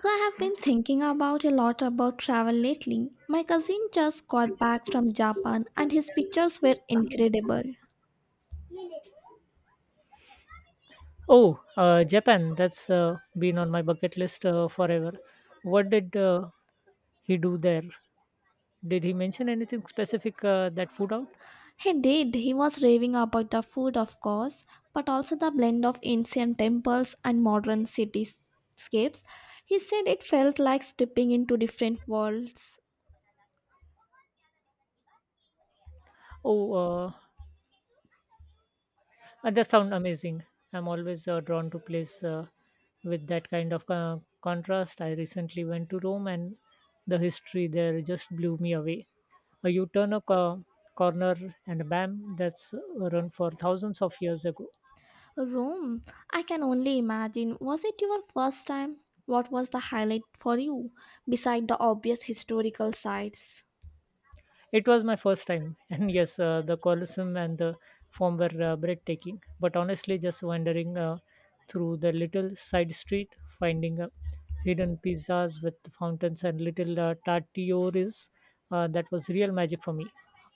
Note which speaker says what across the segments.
Speaker 1: So I have been thinking about a lot about travel lately. My cousin just got back from Japan and his pictures were incredible.
Speaker 2: Oh, Japan. That's been on my bucket list forever. What did he do there? Did he mention anything specific that food out?
Speaker 1: He did. He was raving about the food, of course, but also the blend of ancient temples and modern cityscapes. He said it felt like stepping into different worlds.
Speaker 2: Oh, uh, that sounds amazing. I'm always drawn to place with that kind of contrast. I recently went to Rome, and the history there just blew me away. You turn a corner, and bam, that's run for thousands of years ago.
Speaker 1: Rome, I can only imagine. Was it your first time? What was the highlight for you, beside the obvious historical sites?
Speaker 2: It was my first time, and yes, the Colosseum and the Forum were breathtaking. But honestly, just wandering through the little side street, finding hidden pizzas with fountains and little tartioris, that was real magic for me.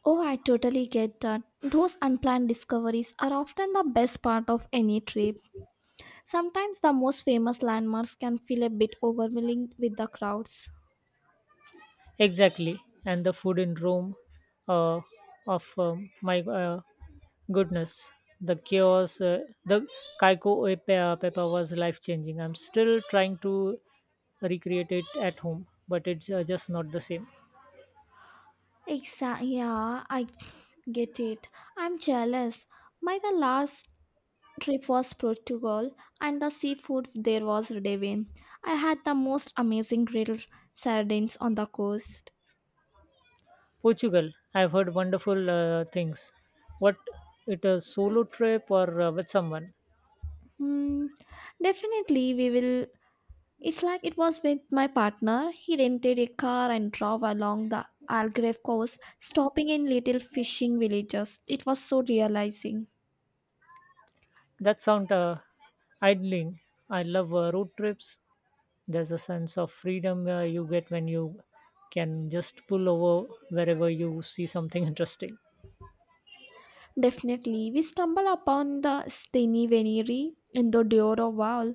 Speaker 1: Oh, I totally get that. Those unplanned discoveries are often the best part of any trip. Sometimes the most famous landmarks can feel a bit overwhelming with the crowds.
Speaker 2: Exactly, and the food in Rome, uh, of my goodness, the chaos, the Kaiko e Peppa was life changing. I'm still trying to recreate it at home, but it's just not the same.
Speaker 1: Exactly. Yeah, I get it. I'm jealous. My the last trip was Portugal, and the seafood there was divine. I had the most amazing grilled sardines on the coast.
Speaker 2: Portugal, I've heard wonderful things. What it a solo trip or with someone?
Speaker 1: Hmm, definitely, we will It's like it was with my partner. He rented a car and drove along the Algarve coast, stopping in little fishing villages. It was so realizing.
Speaker 2: That sound idling. I love road trips. There's a sense of freedom you get when you can just pull over wherever you see something interesting.
Speaker 1: Definitely, we stumbled upon the Steny Veneri in the Douro Val,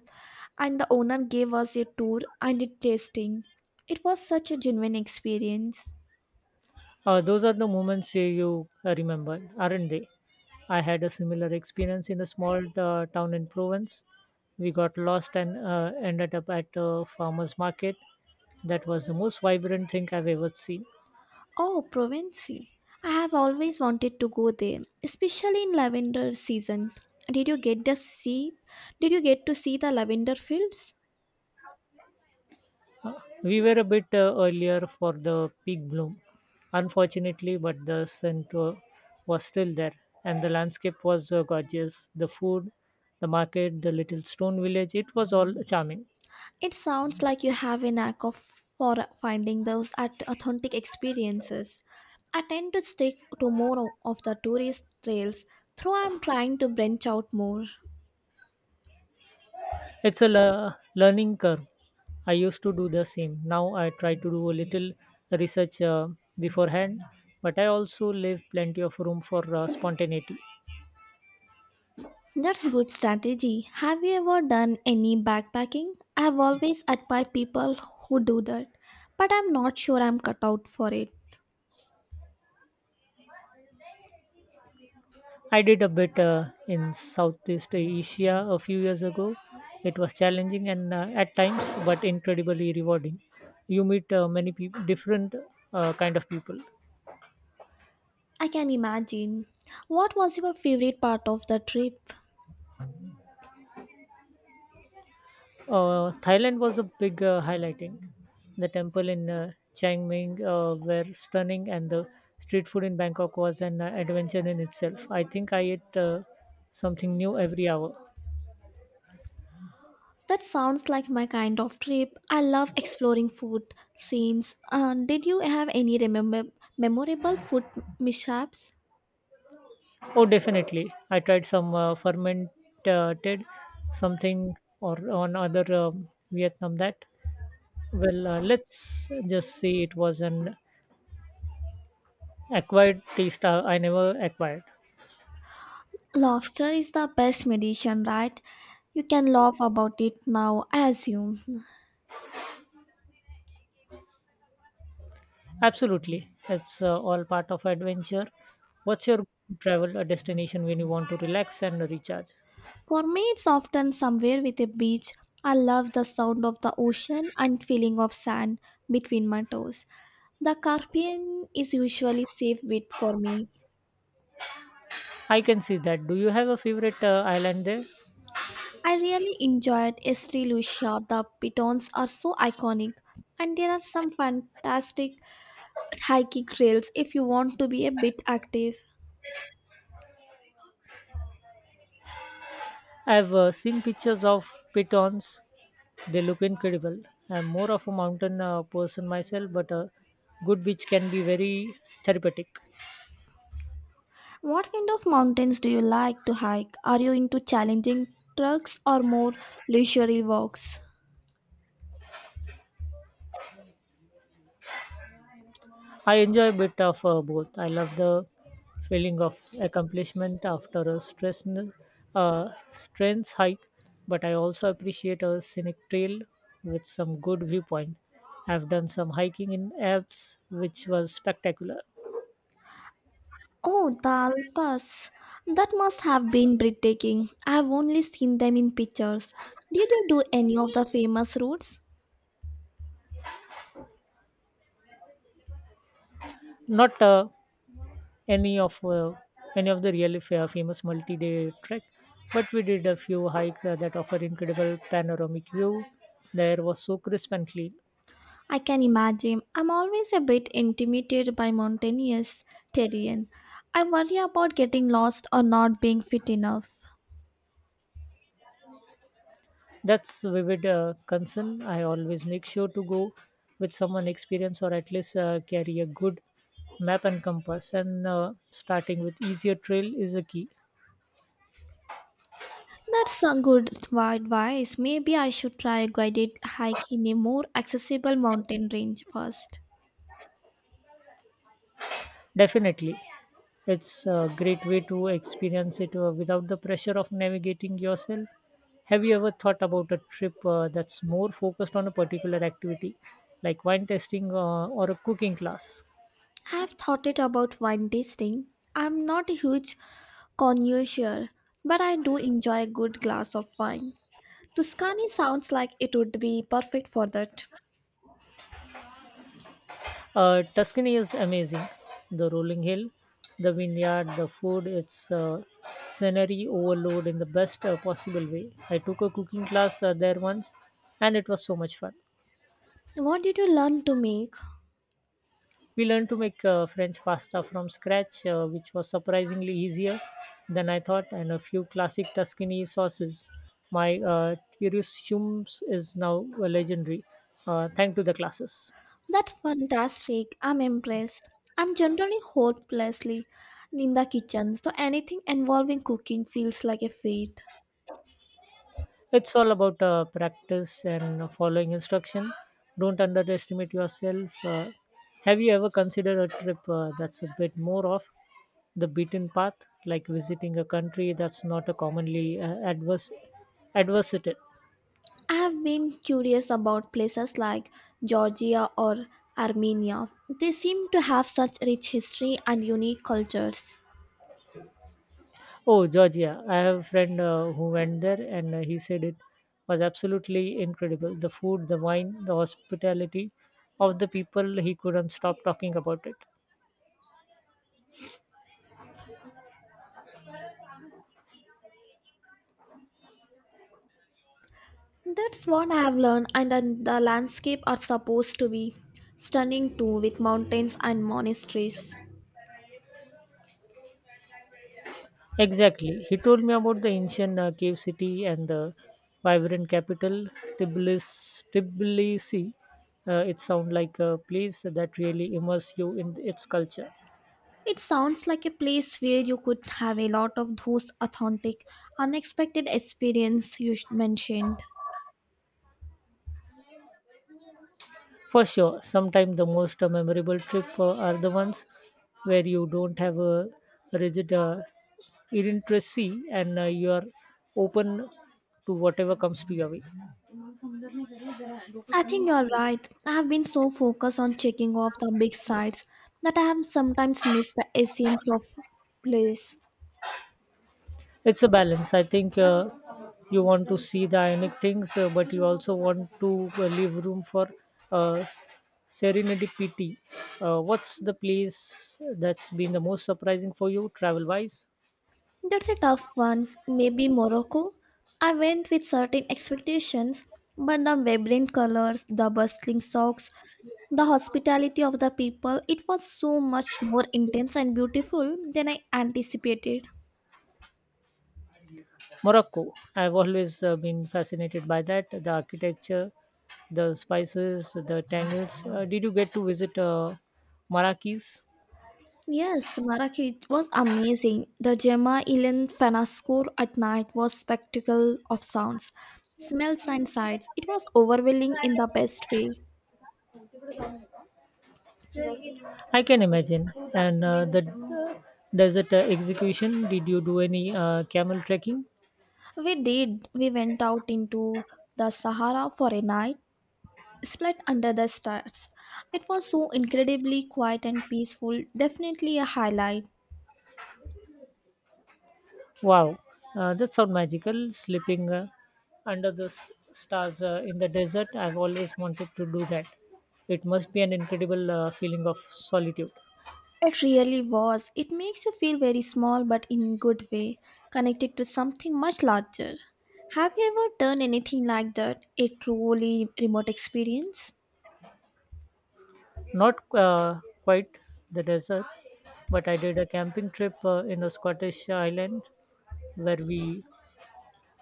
Speaker 1: and the owner gave us a tour and a tasting. It was such a genuine experience.
Speaker 2: Those are the moments you remember, aren't they? I had a similar experience in a small town in Provence. We got lost and ended up at a farmer's market. That was the most vibrant thing I've ever seen.
Speaker 1: Oh, Provence. I have always wanted to go there, especially in lavender seasons. Did you get the see? Did you get to see the lavender fields?
Speaker 2: Uh, We were a bit earlier for the peak bloom, unfortunately, but the scent was still there, and the landscape was gorgeous. The food, the market, the little stone village, it was all charming.
Speaker 1: It sounds like you have a knack of for finding those at authentic experiences. I tend to stick to more of the tourist trails, though I'm trying to branch out more.
Speaker 2: It's a learning curve. I used to do the same. Now I try to do a little research beforehand, but I also leave plenty of room for spontaneity.
Speaker 1: That's good strategy. Have you ever done any backpacking? I've always admired people who do that, but I'm not sure I'm cut out for it.
Speaker 2: I did a bit in Southeast Asia a few years ago. It was challenging and at times, but incredibly rewarding. You meet many peop different kind of people.
Speaker 1: I can imagine. What was your favorite part of the trip?
Speaker 2: Thailand was a big highlighting. The temple in Chiang Mai were stunning, and the street food in Bangkok was an adventure in itself. I think I ate something new every hour.
Speaker 1: That sounds like my kind of trip. I love exploring food scenes. Did you have any remember memorable food mishaps?
Speaker 2: Oh, definitely. I tried some fermented something or on other Vietnam that. Well, let's just say it was an acquired taste I never acquired.
Speaker 1: Laughter is the best medicine, right? You can laugh about it now, I assume.
Speaker 2: Absolutely. It's all part of adventure. What's your travel destination when you want to relax and recharge?
Speaker 1: For me, it's often somewhere with a beach. I love the sound of the ocean and feeling of sand between my toes. The Caribbean is usually safe bet for me.
Speaker 2: I can see that. Do you have a favorite island there?
Speaker 1: I really enjoyed Estee Lucia. The pitons are so iconic, and there are some fantastic hiking trails if you want to be a bit active.
Speaker 2: I've seen pictures of pitons. They look incredible. I'm more of a mountain person myself, but a good beach can be very therapeutic.
Speaker 1: What kind of mountains do you like to hike? Are you into challenging trucks or more leisurely walks?
Speaker 2: I enjoy a bit of both. I love the feeling of accomplishment after a stress strength hike, but I also appreciate a scenic trail with some good viewpoint. I've done some hiking in Alps, which was spectacular.
Speaker 1: Oh, the Alps. That must have been breathtaking. I have only seen them in pictures. Did you do any of the famous routes?
Speaker 2: Not any of uh, any of the really famous multi-day trek, but we did a few hikes that offer incredible panoramic view. There was so crisp and clean.
Speaker 1: I can imagine. I'm always a bit intimidated by mountainous terrain. I worry about getting lost or not being fit enough.
Speaker 2: That's vivid concern. I always make sure to go with someone experienced, or at least carry a good map and compass, and starting with easier trail is a key.
Speaker 1: That's a good advice. Maybe I should try a guided hike in a more accessible mountain range first.
Speaker 2: Definitely. It's a great way to experience it without the pressure of navigating yourself. Have you ever thought about a trip that's more focused on a particular activity, like wine tasting or a cooking class?
Speaker 1: I have thought it about wine tasting. I'm not a huge connoisseur, but I do enjoy a good glass of wine. Tuscany sounds like it would be perfect for that.
Speaker 2: Tuscany is amazing. The rolling hill, the vineyard, the food, it's scenery overload in the best possible way. I took a cooking class there once, and it was so much fun.
Speaker 1: What did you learn to make?
Speaker 2: We learned to make French pasta from scratch, which was surprisingly easier than I thought, and a few classic Tuscany sauces. My Curiosums is now a legendary, thanks to the classes.
Speaker 1: That's fantastic. I'm impressed. I'm generally hopelessly in the kitchen, so anything involving cooking feels like a feat.
Speaker 2: It's all about practice and following instruction. Don't underestimate yourself. Have you ever considered a trip that's a bit more off the beaten path, like visiting a country that's not a commonly adverse adversity?
Speaker 1: I have been curious about places like Georgia or Armenia. They seem to have such rich history and unique cultures.
Speaker 2: Oh, Georgia. I have a friend who went there, and he said it was absolutely incredible. The food, the wine, the hospitality of the people, he couldn't stop talking about it.
Speaker 1: That's what I have learned, and then the landscape are supposed to be stunning too, with mountains and monasteries.
Speaker 2: Exactly. He told me about the ancient cave city and the vibrant capital, Tbilisi. It sounds like a place that really immerses you in its culture.
Speaker 1: It sounds like a place where you could have a lot of those authentic, unexpected experiences you mentioned.
Speaker 2: For sure, sometimes the most memorable trip are the ones where you don't have a rigid illiteracy, and you are open to whatever comes to your way.
Speaker 1: I think you're right. I have been so focused on checking off the big sites that I have sometimes missed the essence of place.
Speaker 2: It's a balance, I think. You want to see the ionic things, but you also want to leave room for uh, s- serenity pity. What's the place that's been the most surprising for you travel wise?
Speaker 1: That's a tough one. Maybe Morocco. I went with certain expectations, but the vibrant colors, the bustling shops, the hospitality of the people, it was so much more intense and beautiful than I anticipated.
Speaker 2: Morocco, I've always been fascinated by that. The architecture, the spices, the tangles. Did you get to visit Marrakech?
Speaker 1: Yes, Maraki it was amazing. The Gemma Ilan Fanascore at night was spectacle of sounds, smells and sights. It was overwhelming in the best way.
Speaker 2: I can imagine. And the uh, desert execution, did you do any camel trekking?
Speaker 1: We did. We went out into the Sahara for a night, split under the stars. It was so incredibly quiet and peaceful, definitely a highlight.
Speaker 2: Wow, that sounds magical. Sleeping under the stars in the desert, I've always wanted to do that. It must be an incredible feeling of solitude.
Speaker 1: It really was. It makes you feel very small but in good way, connected to something much larger. Have you ever done anything like that? A truly remote experience?
Speaker 2: Not quite the desert, but I did a camping trip in a Scottish island where we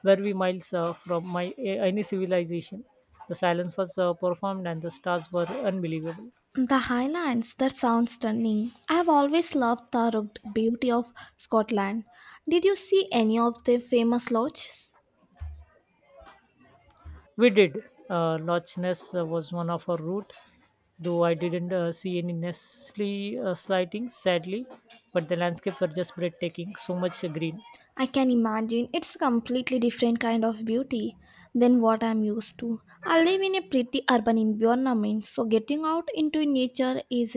Speaker 2: were we miles from my, any civilization. The silence was performed, and the stars were unbelievable.
Speaker 1: The Highlands, that sounds stunning. I have always loved the rugged beauty of Scotland. Did you see any of the famous lodges?
Speaker 2: We did. Loch Ness was one of our route, though I didn't see any Nestle sightings, sadly, but the landscape were just breathtaking, so much green.
Speaker 1: I can imagine it's a completely different kind of beauty than what I'm used to. I live in a pretty urban environment, so getting out into nature is